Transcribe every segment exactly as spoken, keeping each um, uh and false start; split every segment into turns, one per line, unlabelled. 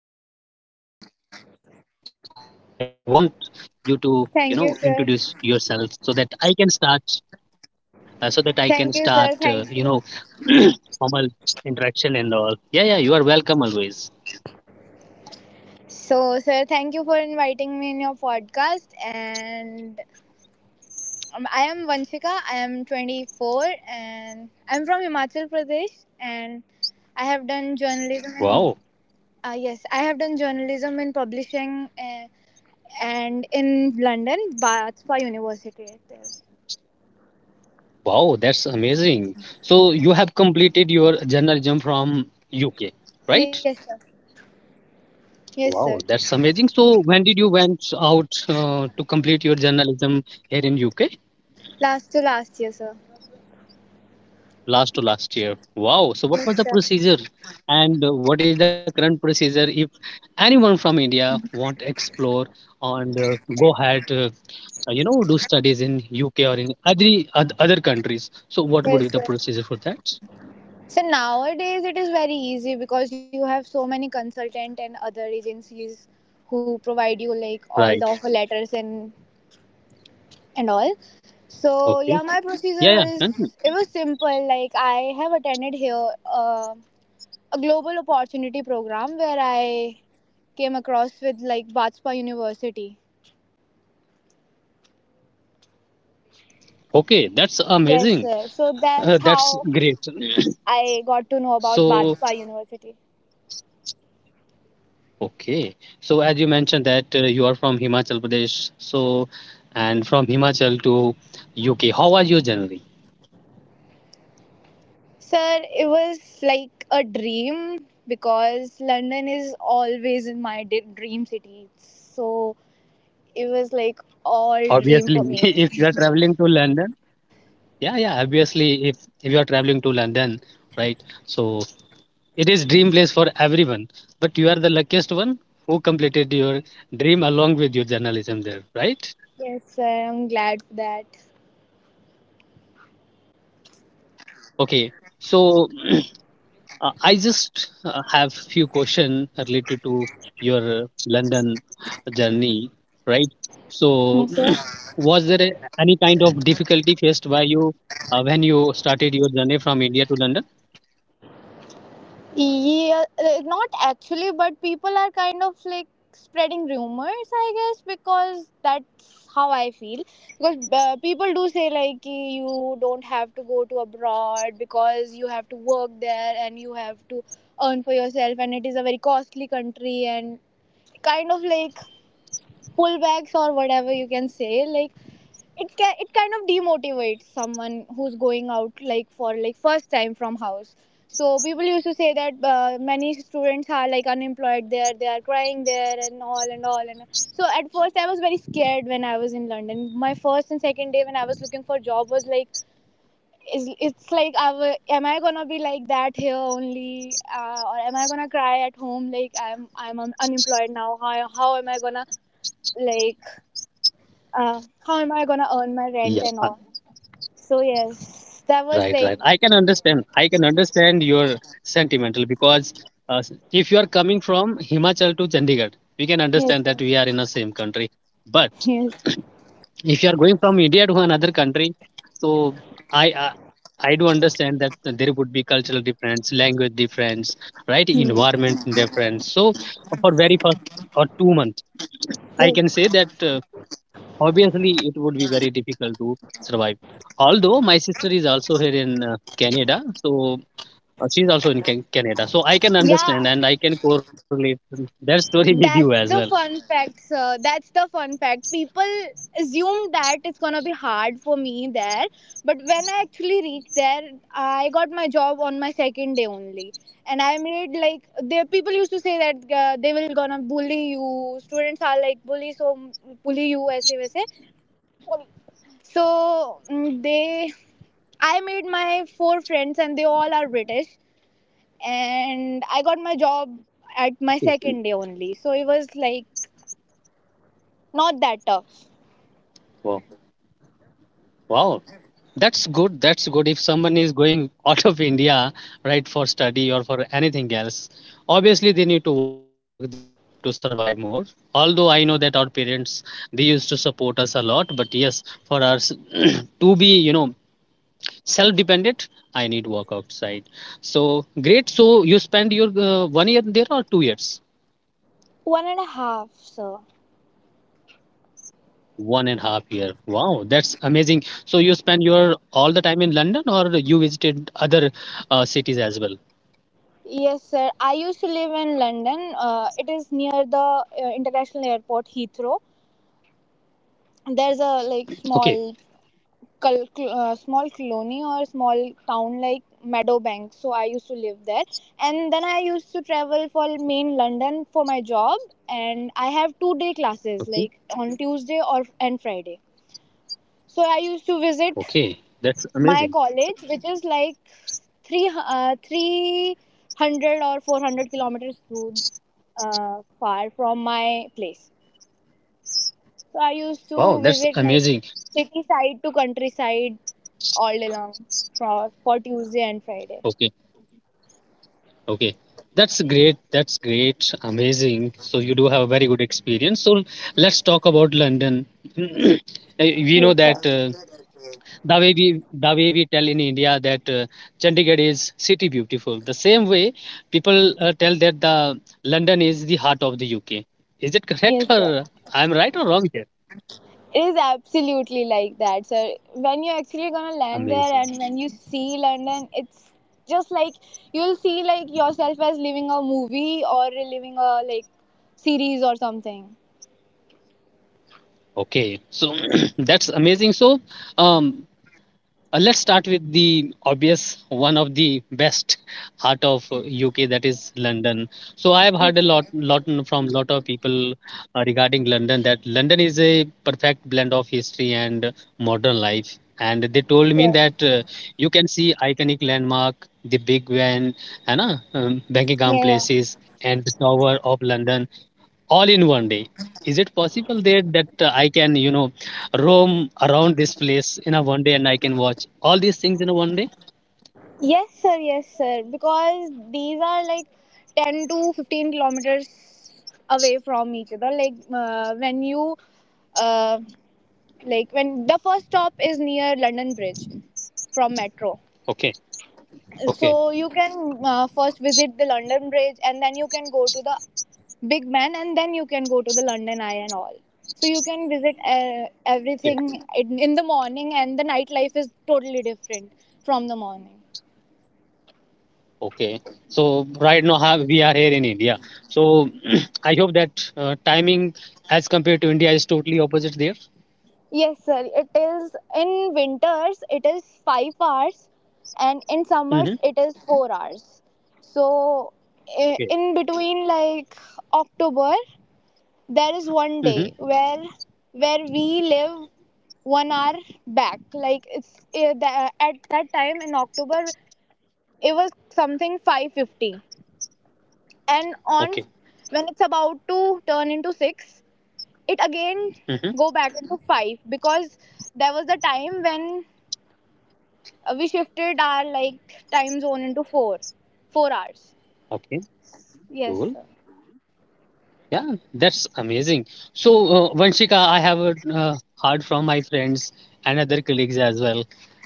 U K journey and all. So, I want you to, you know,
Thank
introduce
you, sir.
yourself so that I can start uh, so that I can start, uh,
Thank
you
you,
know,
sir. Thank you.
formal interaction and all. Yeah, yeah, you are welcome always.
So, sir, thank you for inviting me in your podcast. And um, I am Vanshika. I am twenty-four and I'm from Himachal Pradesh. And I have done journalism.
Wow,
In, uh, yes, I have done journalism in publishing uh, and in London, Batspa University. It is.
wow, that's amazing. So you have completed your journalism from U K,
Yes,
right?
sir. Yes, sir.
Wow, that's amazing. So when did you went out uh, to complete your journalism here in U K?
Last to last year, sir.
Last to last year. Wow. So
Yes,
what
sir.
was the procedure, and uh, what is the current procedure if anyone from India want explore and uh, go ahead? Uh, uh, you know do studies in U K or in other oth- other countries. So what would be
Yes,
the
sir.
procedure for that?
So nowadays it is very easy because you have so many consultant and other agencies who provide you like all the offer
Right.
letters and and all. So yeah,
Okay.
my procedure
Yeah. Yeah.
was
Continue.
it was simple. Like I have attended here uh, a global opportunity program where I came across with like Batspa University.
Okay. That's
Yes,
amazing.
sir. So
Uh,
that's
that's
how
great.
I got to know about
So
Batspa University.
okay. So as you mentioned that uh, you are from Himachal Pradesh. So and from Himachal to U K. How was your journey?
Sir, it was like a dream because London is always in my d- dream city. So it was like all dream for
Obviously,
me.
if you are traveling to London. Yeah. Yeah. Obviously, if if you are traveling to London, right? So it is dream place for everyone, but you are the luckiest one who completed your dream along with your journalism there, right?
Yes, sir. I'm glad for that.
Okay, so uh, I just uh, have few questions related to your uh, London journey, right? So
Yes, sir.
was there a- any kind of difficulty faced by you uh, when you started your journey from India to London?
Yeah, uh, not actually, but people are kind of like spreading rumors, I guess, because that's how I feel. Because uh, people do say like ki you don't have to go to abroad because you have to work there and you have to earn for yourself, and it is a very costly country and kind of like pullbacks or whatever you can say. Like it ca- it kind of demotivates someone who's going out like for like first time from house. So people used to say that uh, many students are like unemployed there, they are crying there and all and all and all. So at first I was very scared. When I was in London my first and second day when I was looking for job was like, is it's like I w- am I gonna be like that here only, uh, or am I gonna cry at home like i'm i'm um, unemployed now? how, how am I gonna, like, uh, how am I gonna earn my
Yeah.
rent and all? So yes, that was
Right,
like,
right. I can understand. I can understand your sentimental because uh, s- if you are coming from Himachal to Chandigarh, we can
yes,
understand
sir.
that we are in the same country. But
Yes, sir.
if you are going from India to another country, so I I, I do understand that there would be cultural difference, language difference, right?
Hmm.
Environment difference. So for very first or two months, I can say
Yes.
that. Uh, Obviously, it would be very difficult to survive. Although my sister is also here in uh, Canada, so uh, she's also in Can- Canada, so I can
Yeah,
understand and I can correlate their story with you as well.
that's the fun fact, sir. That's the fun fact. People assume that it's gonna be hard for me there, but when I actually reached there, I got my job on my second day only, and I made like there. People used to say that uh, they will gonna bully you. Students are like bully, so bully you, ऐसे वैसे. So mm, they, I made my four friends, and they all are British. And I got my job
Okay.
at my second day only. So it was like not that tough.
Wow, wow, that's good. That's good. If someone is going out of India, right, for study or for anything else, obviously they need to work there to survive more. Although I know that our parents they used to support us a lot, but yes, for us to be, you know, self dependent, I need work outside. So great, so you spend your uh, one year there or two years?
One and a half, sir.
One and a half year. Wow, that's amazing. So you spend your all the time in london or you visited other uh, cities as well?
Yes, sir. I used to live in London. Uh, it is near the uh, international airport Heathrow. There's a like
Okay,
small, col- cl- uh, small colony or small town like Meadowbank. So I used to live there, and then I used to travel for main London for my job. And I have two day classes
okay,
like on Tuesday or and Friday. So I used to visit
okay. That's amazing.
my college, which is like three hu- uh, three hundred or four hundred kilometers too uh, far from my place. So I used
Wow,
to
that's
visit like
amazing.
city side to countryside all day long for for Tuesday and Friday.
Okay. Okay, that's great. That's great, amazing. So you do have a very good experience. So let's talk about london. Uh, we know
Yes, sir.
that uh, the way we the way we tell in India that uh, Chandigarh is city beautiful. The same way people uh, tell that the London is the heart of the U K. Is it
Yes,
correct,
sir.
or I'm right or wrong here?
It is absolutely like that, sir. When you're actually gonna land there
Amazing.
and when you see London, it's just like you'll see like yourself as living a movie or living a like series or something.
Okay, so that's amazing. So, um, Uh, let's start with the obvious one of the best heart of uh, U K, that is London. So I have heard a lot, lot n- from lot of people uh, regarding London that London is a perfect blend of history and modern life. And they told me
Yeah.
that uh, you can see iconic landmark, the Big Ben, and uh, um, Buckingham
Yeah, yeah.
places, and the Tower of London all in one day. Is it possible there that uh, I can, you know, roam around this place in a one day and I can watch all these things in a one day?
Yes, sir, yes, sir. Because these are like ten to fifteen kilometers away from each other. Like uh, when you uh, like when the first stop is near London Bridge from metro.
Okay, okay,
So you can uh, first visit the London Bridge and then you can go to the Big Ben and then you can go to the London Eye and all. So you can visit uh,
okay.
everything in, in the morning, and the nightlife is totally different from the morning.
Okay. So right now have, we are here in India. So I hope that uh, timing as compared to India is totally opposite there.
Yes, sir. It is, in winters it is five hours, and in
Mm-hmm.
summers it is four hours. So i-
Okay.
in between like October there is one
Mm-hmm.
day where where we live one hour back. Like it's eh, tha- at that time in October it was something five fifty, and on
Okay.
when it's about to turn into six it again
Mm-hmm.
go back into five, because there was the time when uh, we shifted our like time zone into four four hours.
Okay.
Yes sir,
Cool. Yeah, that's amazing. So, uh, Vanshika, I have uh, uh, heard from my friends and other colleagues as well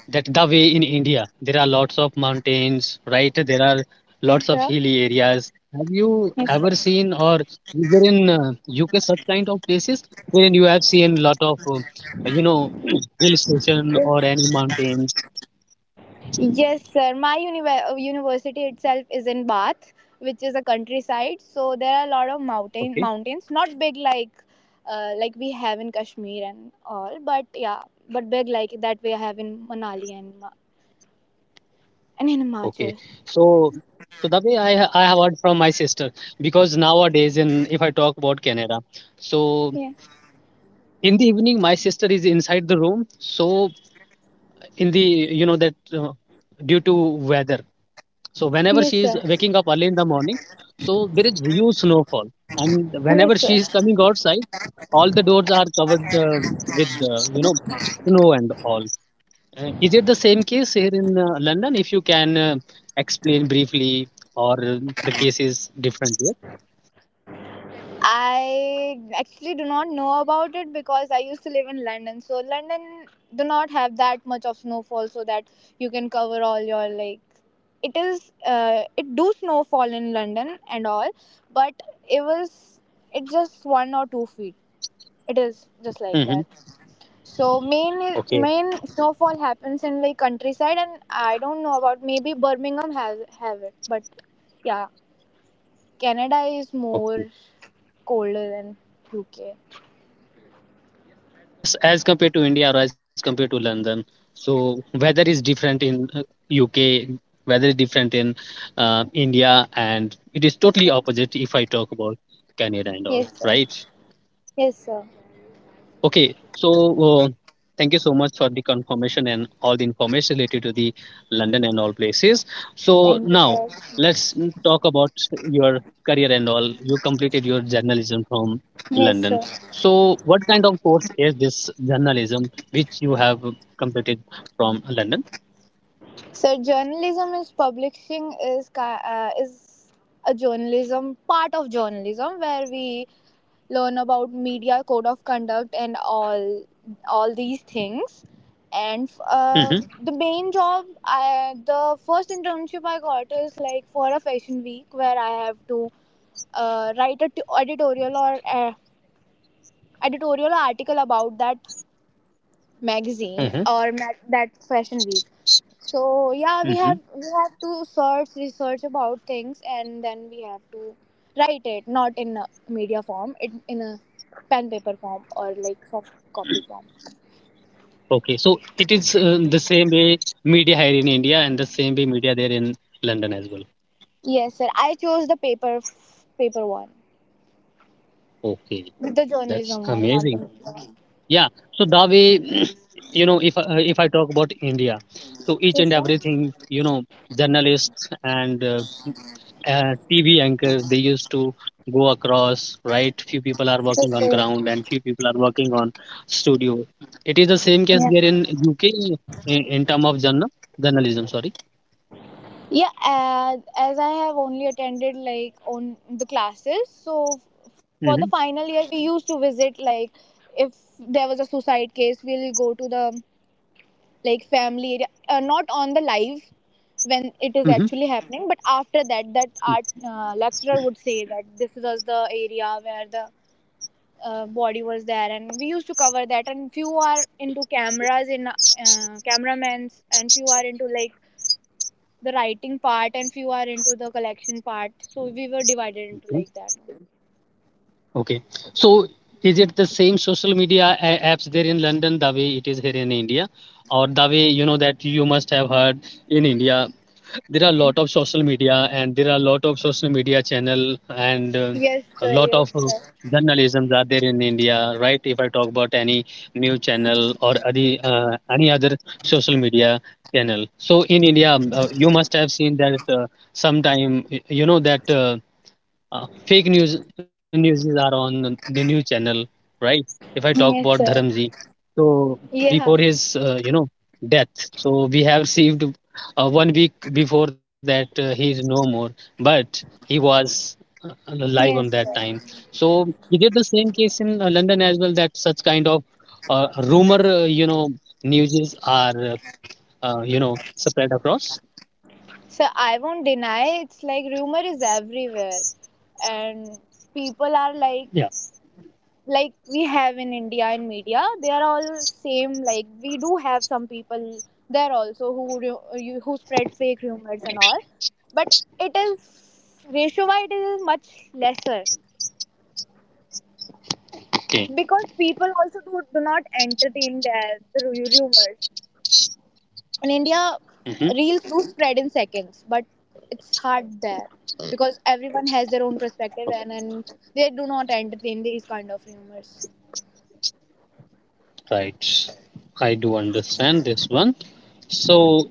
that the way in India, there are lots of mountains, right? There are
yes
lots of
sir,
hilly areas. Have you
yes
ever seen, or is there in uh, U K such kind of places wherein you have seen lot of, uh, you know, hill station
sir.
or any mountains?
Yes, sir. My univer- uh, university itself is in Bath, which is a countryside. So there are a lot of mountain
Okay.
mountains, not big like uh, like we have in Kashmir and all, but yeah, but big like that we have in Manali and Ma- and in
Okay,
Himachal.
so so the way I ha- I have heard from my sister because nowadays in if I talk about Canada, so
Yeah.
in the evening my sister is inside the room. So in the you know that uh, due to weather, so whenever
Yes,
she is
sir.
waking up early in the morning, so there is huge snowfall, and whenever
Yes,
she
sir.
is coming outside, all the doors are covered uh, with uh, you know snow and all. Uh, Is it the same case here in uh, London? If you can uh, explain briefly, or uh, the case is different here?
I actually do not know about it because I used to live in London. So London do not have that much of snowfall so that you can cover all your like. It is uh, it do snowfall in London and all, but it was, it just one or two feet. It is just like that.
Mm-hmm. Mm-hmm.
So main
Okay.
main snowfall happens in like countryside, and I don't know about maybe Birmingham has have it, but yeah, Canada is more
Okay.
colder than U K.
Yes, as compared to India or as compared to London. So weather is different in uh, U K, weather is different in uh, India, and it is
Yes,
totally
sir.
opposite if I talk about Canada and
Yes,
all,
sir.
right?
Yes, sir.
Okay, so uh, thank you so much for the confirmation and all the information related to the London and all places. So
Thank you,
now
sir.
let's mm, talk about your career and all. You completed your journalism from
Yes,
London.
sir.
So what kind of course is this journalism which you have completed from London?
So journalism is publishing is ki- uh, is a journalism part of journalism where we learn about media code of conduct and all all these things. And uh,
Hmm.
the main job, I, the first internship I got is like for a fashion week where I have to uh, write a t- editorial or uh, editorial or article about that magazine
Hmm.
or ma- that fashion week. So yeah, we
Hmm.
have we have to search research about things and then we have to write it, not in a media form, it in a pen paper form or like soft copy form.
Okay, so it is uh, the same way media here in India and the same way media there in London as well.
Yes sir, I chose the paper paper one,
Okay,
the
that's
journalism one, not the
amazing.
media one.
Yeah, so that way, you know, if I- if I talk about India, so each and
Yes, sir.
everything, you know, journalists and uh, uh, T V anchors, they used to go across, right? Few people are working
Yes,
on
sir.
ground and few people are working on studio. It is the same case
Yeah.
there in U K in, in term of journal journalism. Sorry.
Yeah, uh, as I have only attended like on the classes, so f- for the
Mm-hmm.
final year we used to visit like if there was a suicide case, we'll go to the like family area, uh, not on the live when it is
Mm-hmm.
actually happening, but after that, that art uh, lecturer would say that this was the area where the uh, body was there, and we used to cover that. And few are into cameras in uh, cameramans, and few are into like the writing part, and few are into the collection part. So we were divided into like that.
Okay. So is it the same social media a- apps there in London the way it is here in India? Or the way you know that you must have heard in India, there are a lot of social media and there are a lot of social media channel and uh,
Yes,
a
sir.
lot
Yes,
of uh,
sir.
journalisms are there in India, right? If I talk about any news channel or any uh, any other social media channel, so in India um, uh, you must have seen that uh, sometime y- you know that. Uh, uh, fake news news are on the news channel, right? If I talk about
Yes,
dharamji,
sir.
so before
Yeah.
his uh, you know death, so we have received uh, one week before that uh, he is no more, but he was uh, alive on
Yes,
that
sir.
time. So we did the same case in uh, london as well, that such kind of uh, rumor, uh, you know, newses are uh, uh, you know spread across.
So I won't deny it's like rumor is everywhere, and people
Yeah.
are like like we have in India in media. They are all same. Like we do have some people there also who ru- you- who spread fake rumors and all, but it is, ratio wise it is much lesser
Okay.
because people also do, do not entertain their, the ru- rumors. In India
Mhm.
reels do spread in seconds, but it's hard there because everyone has their own perspective, and, and they do not entertain these kind of rumors.
Right. I do understand this one. So,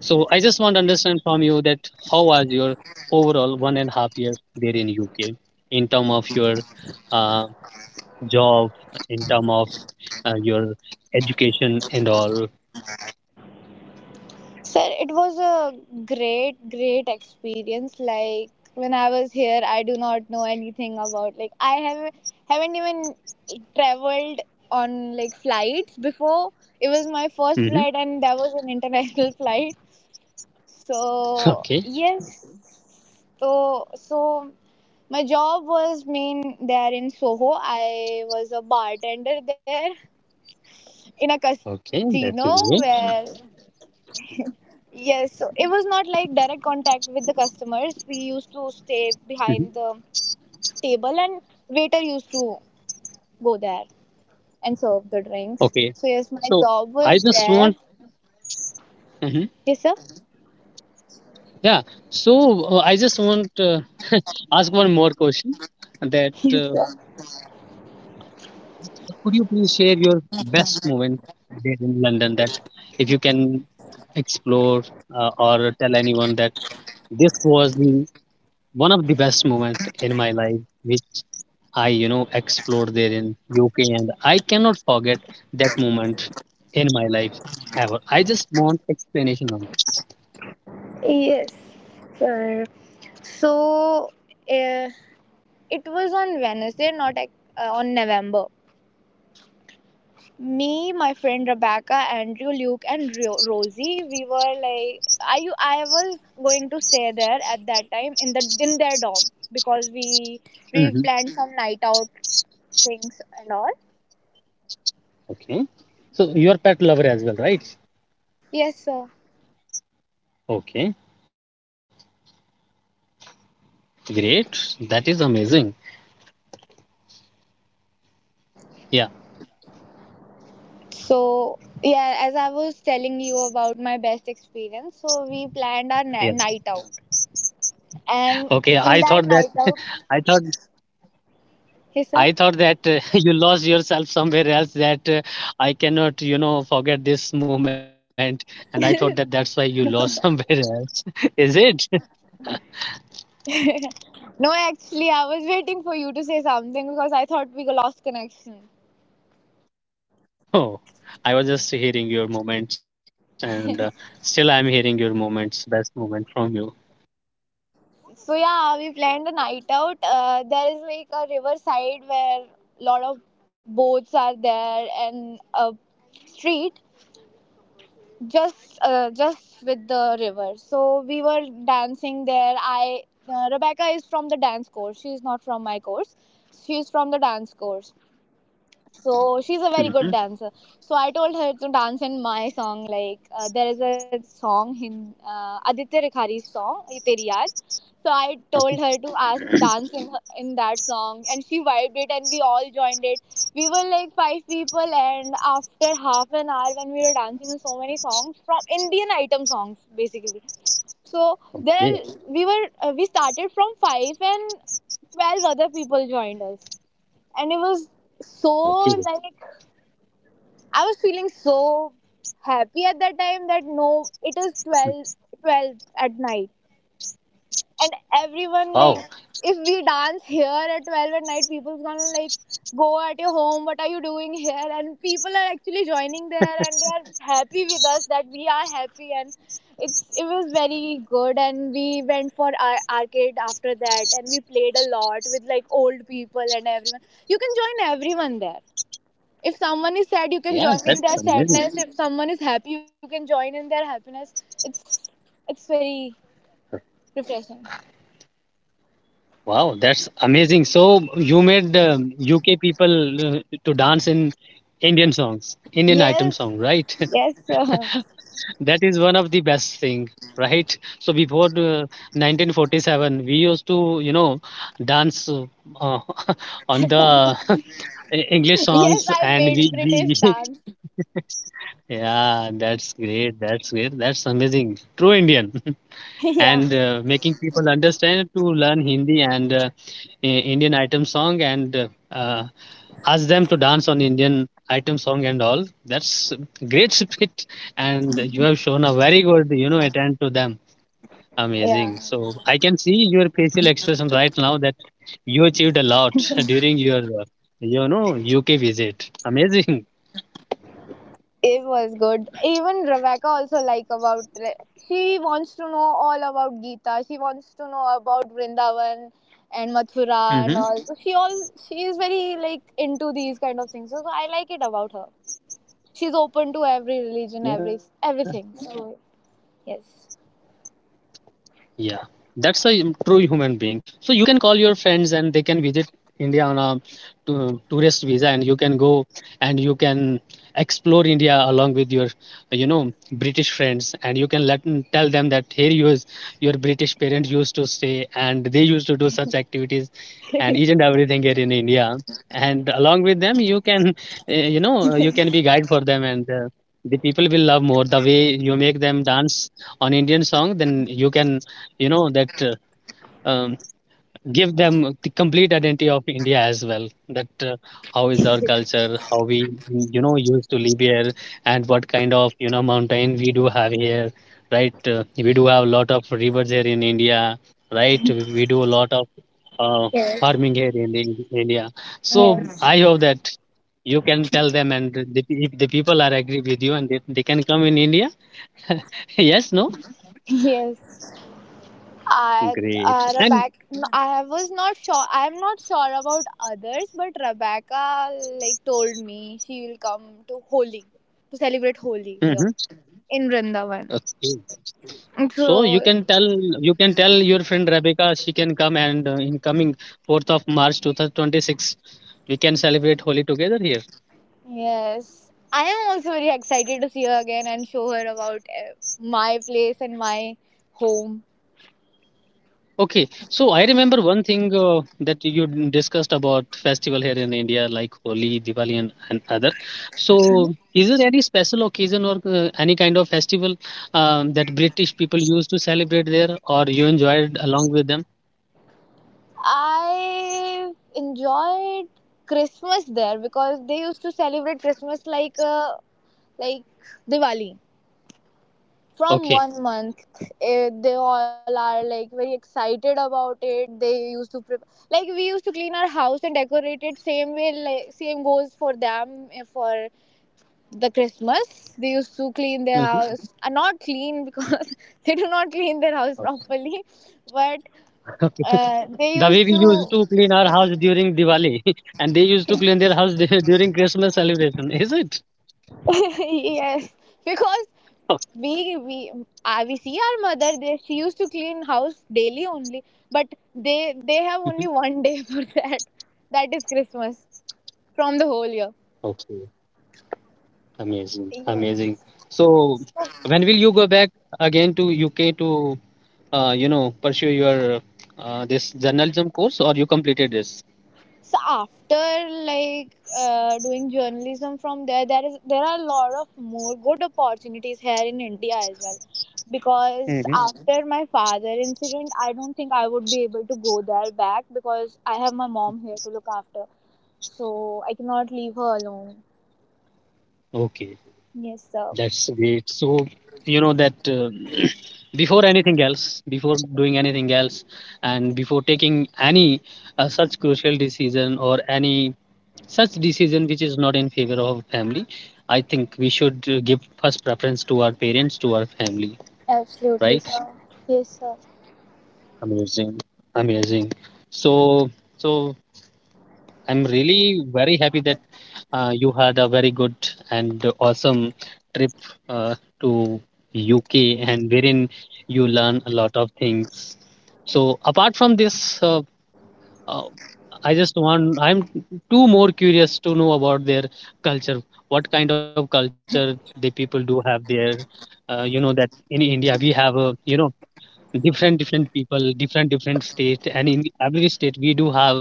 so I just want to understand from you that how was your overall one and a half year there in U K in term of your uh, job, in term of uh, your education and all.
Sir, it was a great great experience. Like when I was here I do not know anything about, like I have haven't even traveled on like flights before. It was my first
Hmm.
flight and that was an international flight. So
Okay,
yes, so so my job was main there in Soho. I was a bartender there in a
okay,
casino
that's
where,
great.
yes, so it was not like direct contact with the customers. We used to stay
Hmm.
behind the table, and waiter used to go there and serve the drinks.
Okay,
So yes, my
so
job
I
was
just
there.
want, mhm,
Yes sir.
yeah. So uh, I just want uh, ask one more question that
Yes
uh,
sir.
could you please share your best moment there in London, that if you can explore uh, or tell anyone that this was the one of the best moment in my life which I you know explored there in U K and I cannot forget that moment in my life ever. I just want explanation on
Yes sir. So. uh, It was on Wednesday, not uh, on November. Me, my friend Rebecca, Andrew, Luke, and Rosie, we were like, I I was going to stay there at that time in the in their dorm because we
that.
we
Mhm.
planned some night out things and all.
Okay. So you are pet lover as well, right?
Yes, sir.
Okay, great. That is amazing. Yeah,
So, yeah, as I was telling you about my best experience, so we planned our na-
yes.
night out. And
Okay,
in
I
that
thought that
night out,
I thought
yes, sir.
I thought that uh, you lost yourself somewhere else, that uh, I cannot, you know, forget this moment. And I thought that that's why you lost somewhere else. Is it?
No, actually, I was waiting for you to say something because I thought we lost connection.
Oh, I was just hearing your moments and uh, still I'm hearing your moments, best moment from you.
So yeah, we planned a night out. Uh, there is like a riverside where lot of boats are there and a street just uh, just with the river. So we were dancing there. I uh, Rebecca is from the dance course. She is not from my course. She is from the dance course.
Okay.
So she's a very
Mm-hmm.
good dancer. So I told her to dance in my song. Like uh, there is a song in uh, Aditya Rikhari's song "Ye Teri Yaad." So I told her to ask dance in, her, in that song, and she vibed it, and we all joined it. We were like five people, and after half an hour, when we were dancing in so many songs from Indian item songs, basically. So there
Yeah.
we were. Uh, we started from five, and twelve other people joined us, and it was so,
Okay.
like, I was feeling so happy at that time that, no, it is twelve, twelve at night. And everyone, like,
Wow.
if we dance here at twelve at night, people's gonna, like, go at your home, what are you doing here? And people are actually joining there and they're happy with us that we are happy. And it's it was very good. And we went for our arcade after that, and we played a lot with, like, old people and everyone. You can join everyone there. If someone is sad, you can
Yeah,
join in
that's
their
amazing.
sadness. If someone is happy, you can join in their happiness. It's it's very refreshing.
Wow, that's amazing. So you made um, U K people uh, to dance in Indian songs, Indian item song,
Yes,
right?
yes, uh,
That is one of the best thing, right? So before uh, nineteen forty-seven, we used to, you know, dance uh, on the English
yes,
songs,
I
and we,
made British
we,
dance.
yeah, that's great, that's great, that's amazing, true Indian. and
Yeah,
uh, making people understand to learn Hindi and uh, I- Indian item song, and uh, uh, ask them to dance on Indian item song and all. That's great spirit, and you have shown a very good, you know, attend to them. Amazing.
yeah.
So I can see your facial expression right now that you achieved a lot during your, uh, you know, U K visit. Amazing.
It was good. Even Rebecca also, like, about Re- she wants to know all about Gita. She wants to know about Vrindavan and Mathura
Mm-hmm.
and all. So she all she is very, like, into these kind of things. So so I like it about her. She's open to every religion, every everything. So yes.
Yeah, that's a true human being. So you can call your friends and they can visit India on a to, tourist visa, and you can go and you can explore India along with your, you know, British friends, and you can let tell them that here you is your British parents used to stay, and they used to do such activities, and each and everything here in India. And along with them, you can, uh, you know, you can be guide for them, and uh, the people will love more the way you make them dance on Indian song, then you can, you know, that uh, um, give them the complete identity of India as well. That uh, How is our culture, how we, you know, used to live here, and what kind of, you know, mountain we do have here, right? Uh, we do have a lot of rivers here in India, right? We we do a lot of uh,
Yes.
farming here in the- India. So I hope
Yes.
that you can tell them, and the, if the people are agree with you, and they, they can come in India. Yes, no.
Yes. I,
Great.
uh,
And
Rebecca, I was not sure. I'm not sure about others, but Rebecca, like, told me she will come to Holi, to celebrate Holi here
Mhm.
in Vrindavan.
Okay. So you
So
can tell you can tell your friend Rebecca she can come and uh, in coming fourth of March twenty twenty-six, we can celebrate Holi together here.
yes, I am also very excited to see her again and show her about uh, my place and my home.
Okay. So I remember one thing uh, that you d- discussed about festival here in India like Holi, Diwali, and, and other.
Mhm.
So is there any special occasion or uh, any kind of festival um, that British people used to celebrate there, or you enjoyed along with them?
I enjoyed Christmas there because they used to celebrate Christmas like uh, like Diwali. From
Okay.
one month, eh, they all are like very excited about it. They used to prep, like, we used to clean our house and decorate it same way. Like same goes for them, eh, for the Christmas. They used to clean their
Mhm.
house. Uh, not clean, because they do not clean their house properly, but uh, they
The way we
used to.
used to clean our house during Diwali, and they used to clean their house dur- during Christmas celebration, is it?
Yes, because we we uh, we see our mother. They She used to clean house daily only, but they they have only one day for that. That is Christmas from the whole year.
Okay, amazing,
Yes.
amazing. So, when will you go back again to, U K to, uh, you know, pursue your uh, this journalism course, or you completed this?
So after, like, uh, doing journalism from there, there is there are a lot of more good opportunities here in India as well. Because Mhm.
Hmm.
after my father incident, I don't think I would be able to go there back because I have my mom here to look after. So I cannot leave her alone.
Okay.
Yes, sir.
That's great. So, you know that uh, before anything else, before doing anything else, and before taking any uh, such crucial decision or any such decision which is not in favor of family, I think we should uh, give first preference to our parents, to our family,
Absolutely,
right?
sir. Yes, sir.
Amazing, amazing. So, so I'm really very happy that uh, you had a very good and awesome trip uh, to U K, and wherein you learn a lot of things. So apart from this, uh, uh, I just want I'm too more curious to know about their culture. What kind of culture the people do have there? Uh, you know that in India we have a you know different different people, different different state, and in every state we do have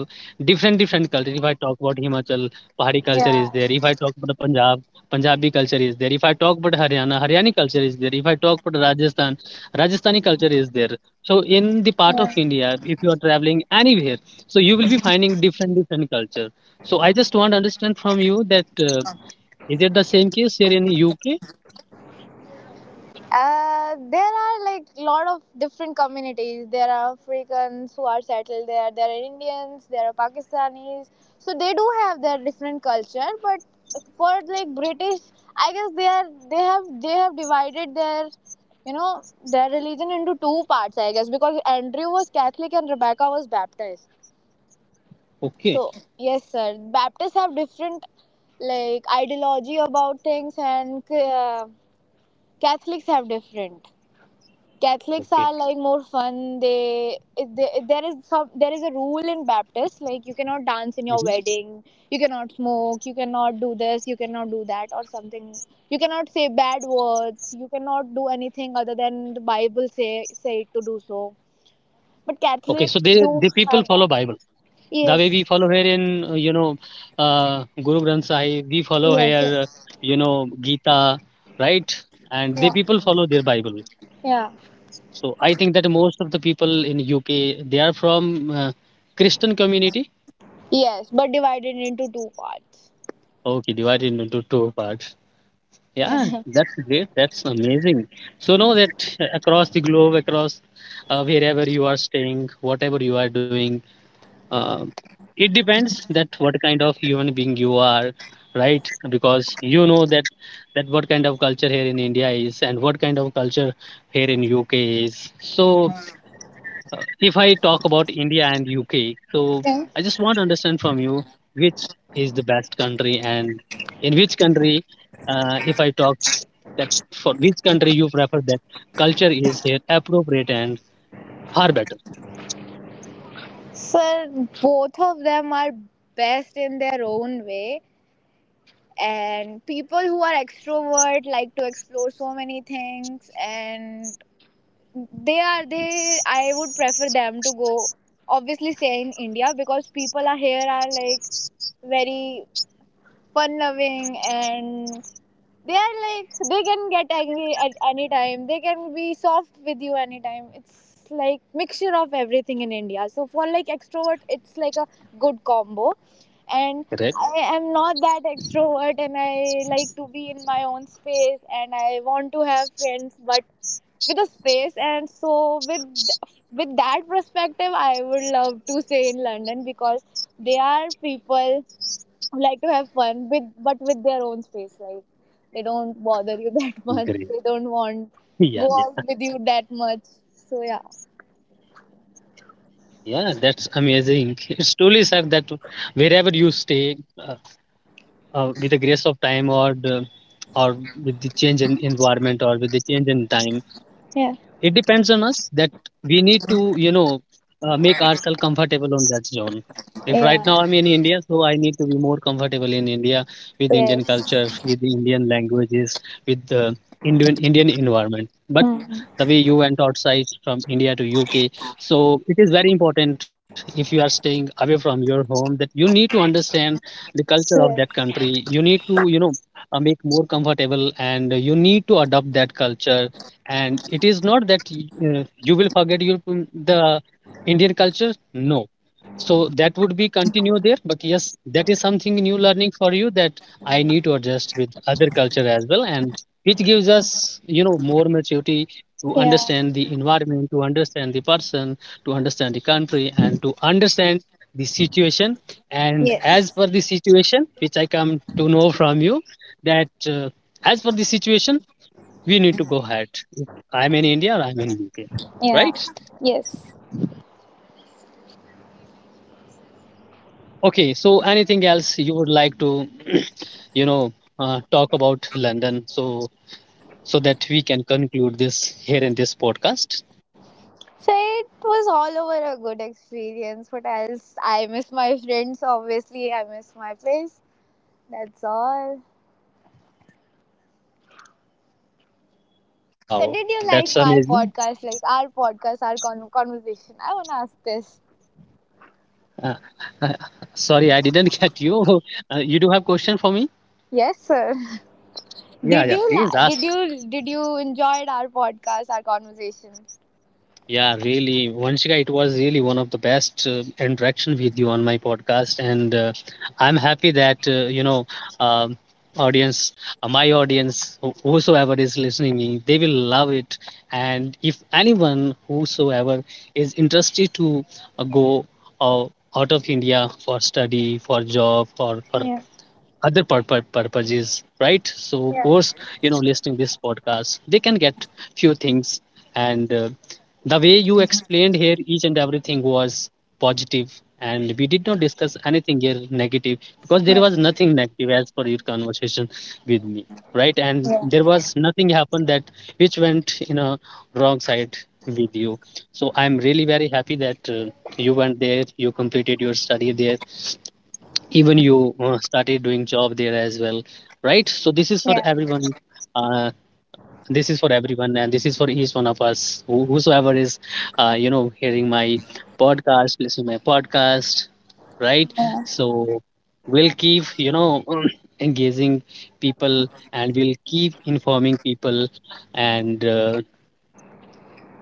different different culture. If I talk about Himachal, Pahari culture is there.
Yeah.
If I talk about Punjab, Punjabi culture is there. If I talk about Haryana, Haryani culture is there. If I talk about Rajasthan, Rajasthani culture is there. So in the part
Yeah.
of India, if you are traveling anywhere, so you will be finding different different culture. So I just want to understand from you that uh, is it the same case here in UK?
Uh, there are, like, lot of different communities. There are Africans who are settled there. There are Indians. There are Pakistanis. So they do have their different culture. But for, like, British, I guess they are they have they have divided their you know their religion into two parts. I guess because Andrew was Catholic and Rebecca was Baptist.
Okay.
So yes, sir. Baptists have different, like, ideology about things, and uh, Catholics have different. Catholics
Okay.
are like more fun. They, they there is some There is a rule in Baptist, like, you cannot dance in
Mhm.
your wedding, you cannot smoke, you cannot do this, you cannot do that, or something. You cannot say bad words. You cannot do anything other than the Bible say say to do so. But
Okay, so they
Catholics do
the people
have
follow
that.
Bible. The way
Yes.
we follow here in, uh, you know, uh, Guru Granth Sahib, we follow
Yes.
here, uh,
Yes.
you know, Gita, right? And they
Yeah.
people follow their Bible.
Yeah.
So I think that most of the people in U K, they are from uh, Christian community.
Yes, but divided into two parts.
Okay, divided into two parts.
Yeah.
Yeah, that's great. That's amazing. So know that across the globe, across uh, wherever you are staying, whatever you are doing, Um it depends that what kind of human being you are, right? Because you know that that what kind of culture here in India is, and what kind of culture here in U K is. So uh, if I talk about India and U K, so I just want to understand from you which is the best country, and in which country, uh, if I talk that for which country you prefer that culture is here appropriate and far better.
Sir, both of them are best in their own way. And people who are extrovert, like, to explore so many things, and they are they I would prefer them to go, obviously, stay in India, because people are here are like very fun loving, and they are like they can get angry at any time, they can be soft with you anytime. It's like mixture of everything in India, so for, like, extrovert it's like a good combo. And I
Correct.
am not that extrovert, and I like to be in my own space, and I want to have friends but with a space. And so with with that perspective, I would love to stay in London because they are people who like to have fun with, but with their own space. Like, they don't bother you that much, they
Great.
don't want
Yeah.
go out
Yeah.
with you that much. So yeah,
Yeah, that's amazing. It's truly sad that wherever you stay, uh, uh, with the grace of time, or the, or with the change in environment, or with the change in time,
yeah,
it depends on us that we need to, you know, uh, make ourselves comfortable on that zone. If right now
yeah,
I'm in India, so I need to be more comfortable in India with Indian culture,
yes.
with the Indian languages, with the Indian Indian environment. But
Mhm.
the way you went outside from India to U K, so it is very important if you are staying away from your home that you need to understand the culture of that
Yeah,
country. You need to, you know, uh, make more comfortable, and you need to adopt that culture. And it is not that uh, you will forget your mm, the indian culture, no, so that would be continue there. But yes, that is something new learning for you, that I need to adjust with other culture as well, and which gives us you know more maturity to
yeah,
understand the environment, to understand the person, to understand the country, and to understand the situation. And as
yes.
per the situation, which I come to know from you that uh, as per the situation, we need to go ahead. If I'm in India or I'm in U K,
Yeah.
right?
Yes.
Okay, so anything else you would like to, you know, uh, talk about London, so so that we can conclude this here in this podcast?
So it was all over a good experience. What else? I miss my friends, obviously. I miss my place. That's all. So,
Wow,
did you
that's
like my
amazing.
podcast? Like, our podcast, our con- conversation? I want to ask this.
Uh, uh, Sorry, I didn't get you. Uh, you do have question for me?
Yes, sir.
Yeah,
Did
yeah,
you
please
la- did
ask.
you did you enjoyed our podcast, our conversation?
Yeah, really, Vanshika, it was really one of the best uh, interaction with you on my podcast, and uh, I'm happy that uh, you know, um audience, uh, my audience, who- whosoever is listening, me, they will love it. And if anyone whosoever is interested to uh, go uh, out of India for study, for job, or for
Yeah.
other purpo- purposes, right? So
Yeah.
post, you know, listening this podcast, they can get few things. And uh, the way you explained here each and everything was positive, and we did not discuss anything here negative, because there
Yeah.
was nothing negative as per your conversation with me, right? And
Yeah.
there was nothing happened that which went in a wrong side with you. So I'm really very happy that uh, you went there, you completed your study there, even you uh, started doing job there as well, right? So this is for everyone, uh, this is for everyone, and this is for each one of us, who- whosoever is uh, you know hearing my podcast, listening my podcast, right?
Yeah.
So we'll keep you know engaging people, and we'll keep informing people, and uh,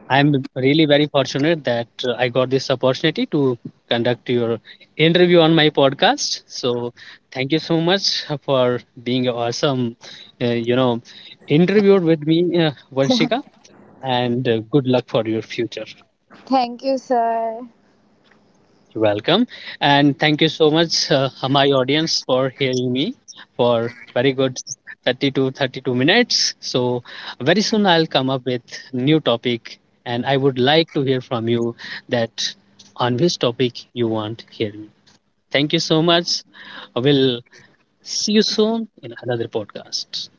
I'm really very fortunate that uh, I got this opportunity to conduct your interview on my podcast. So thank you so much for being awesome, uh, you know, interviewed with me, uh, Vanshika, and uh, good luck for your future.
Thank you, sir.
You're welcome. And thank you so much, uh, my audience, for hearing me for very good thirty to thirty-two minutes. So very soon I'll come up with new topic, and I would like to hear from you that on which topic you want hear me. Thank you so much. We'll see you soon in another podcast.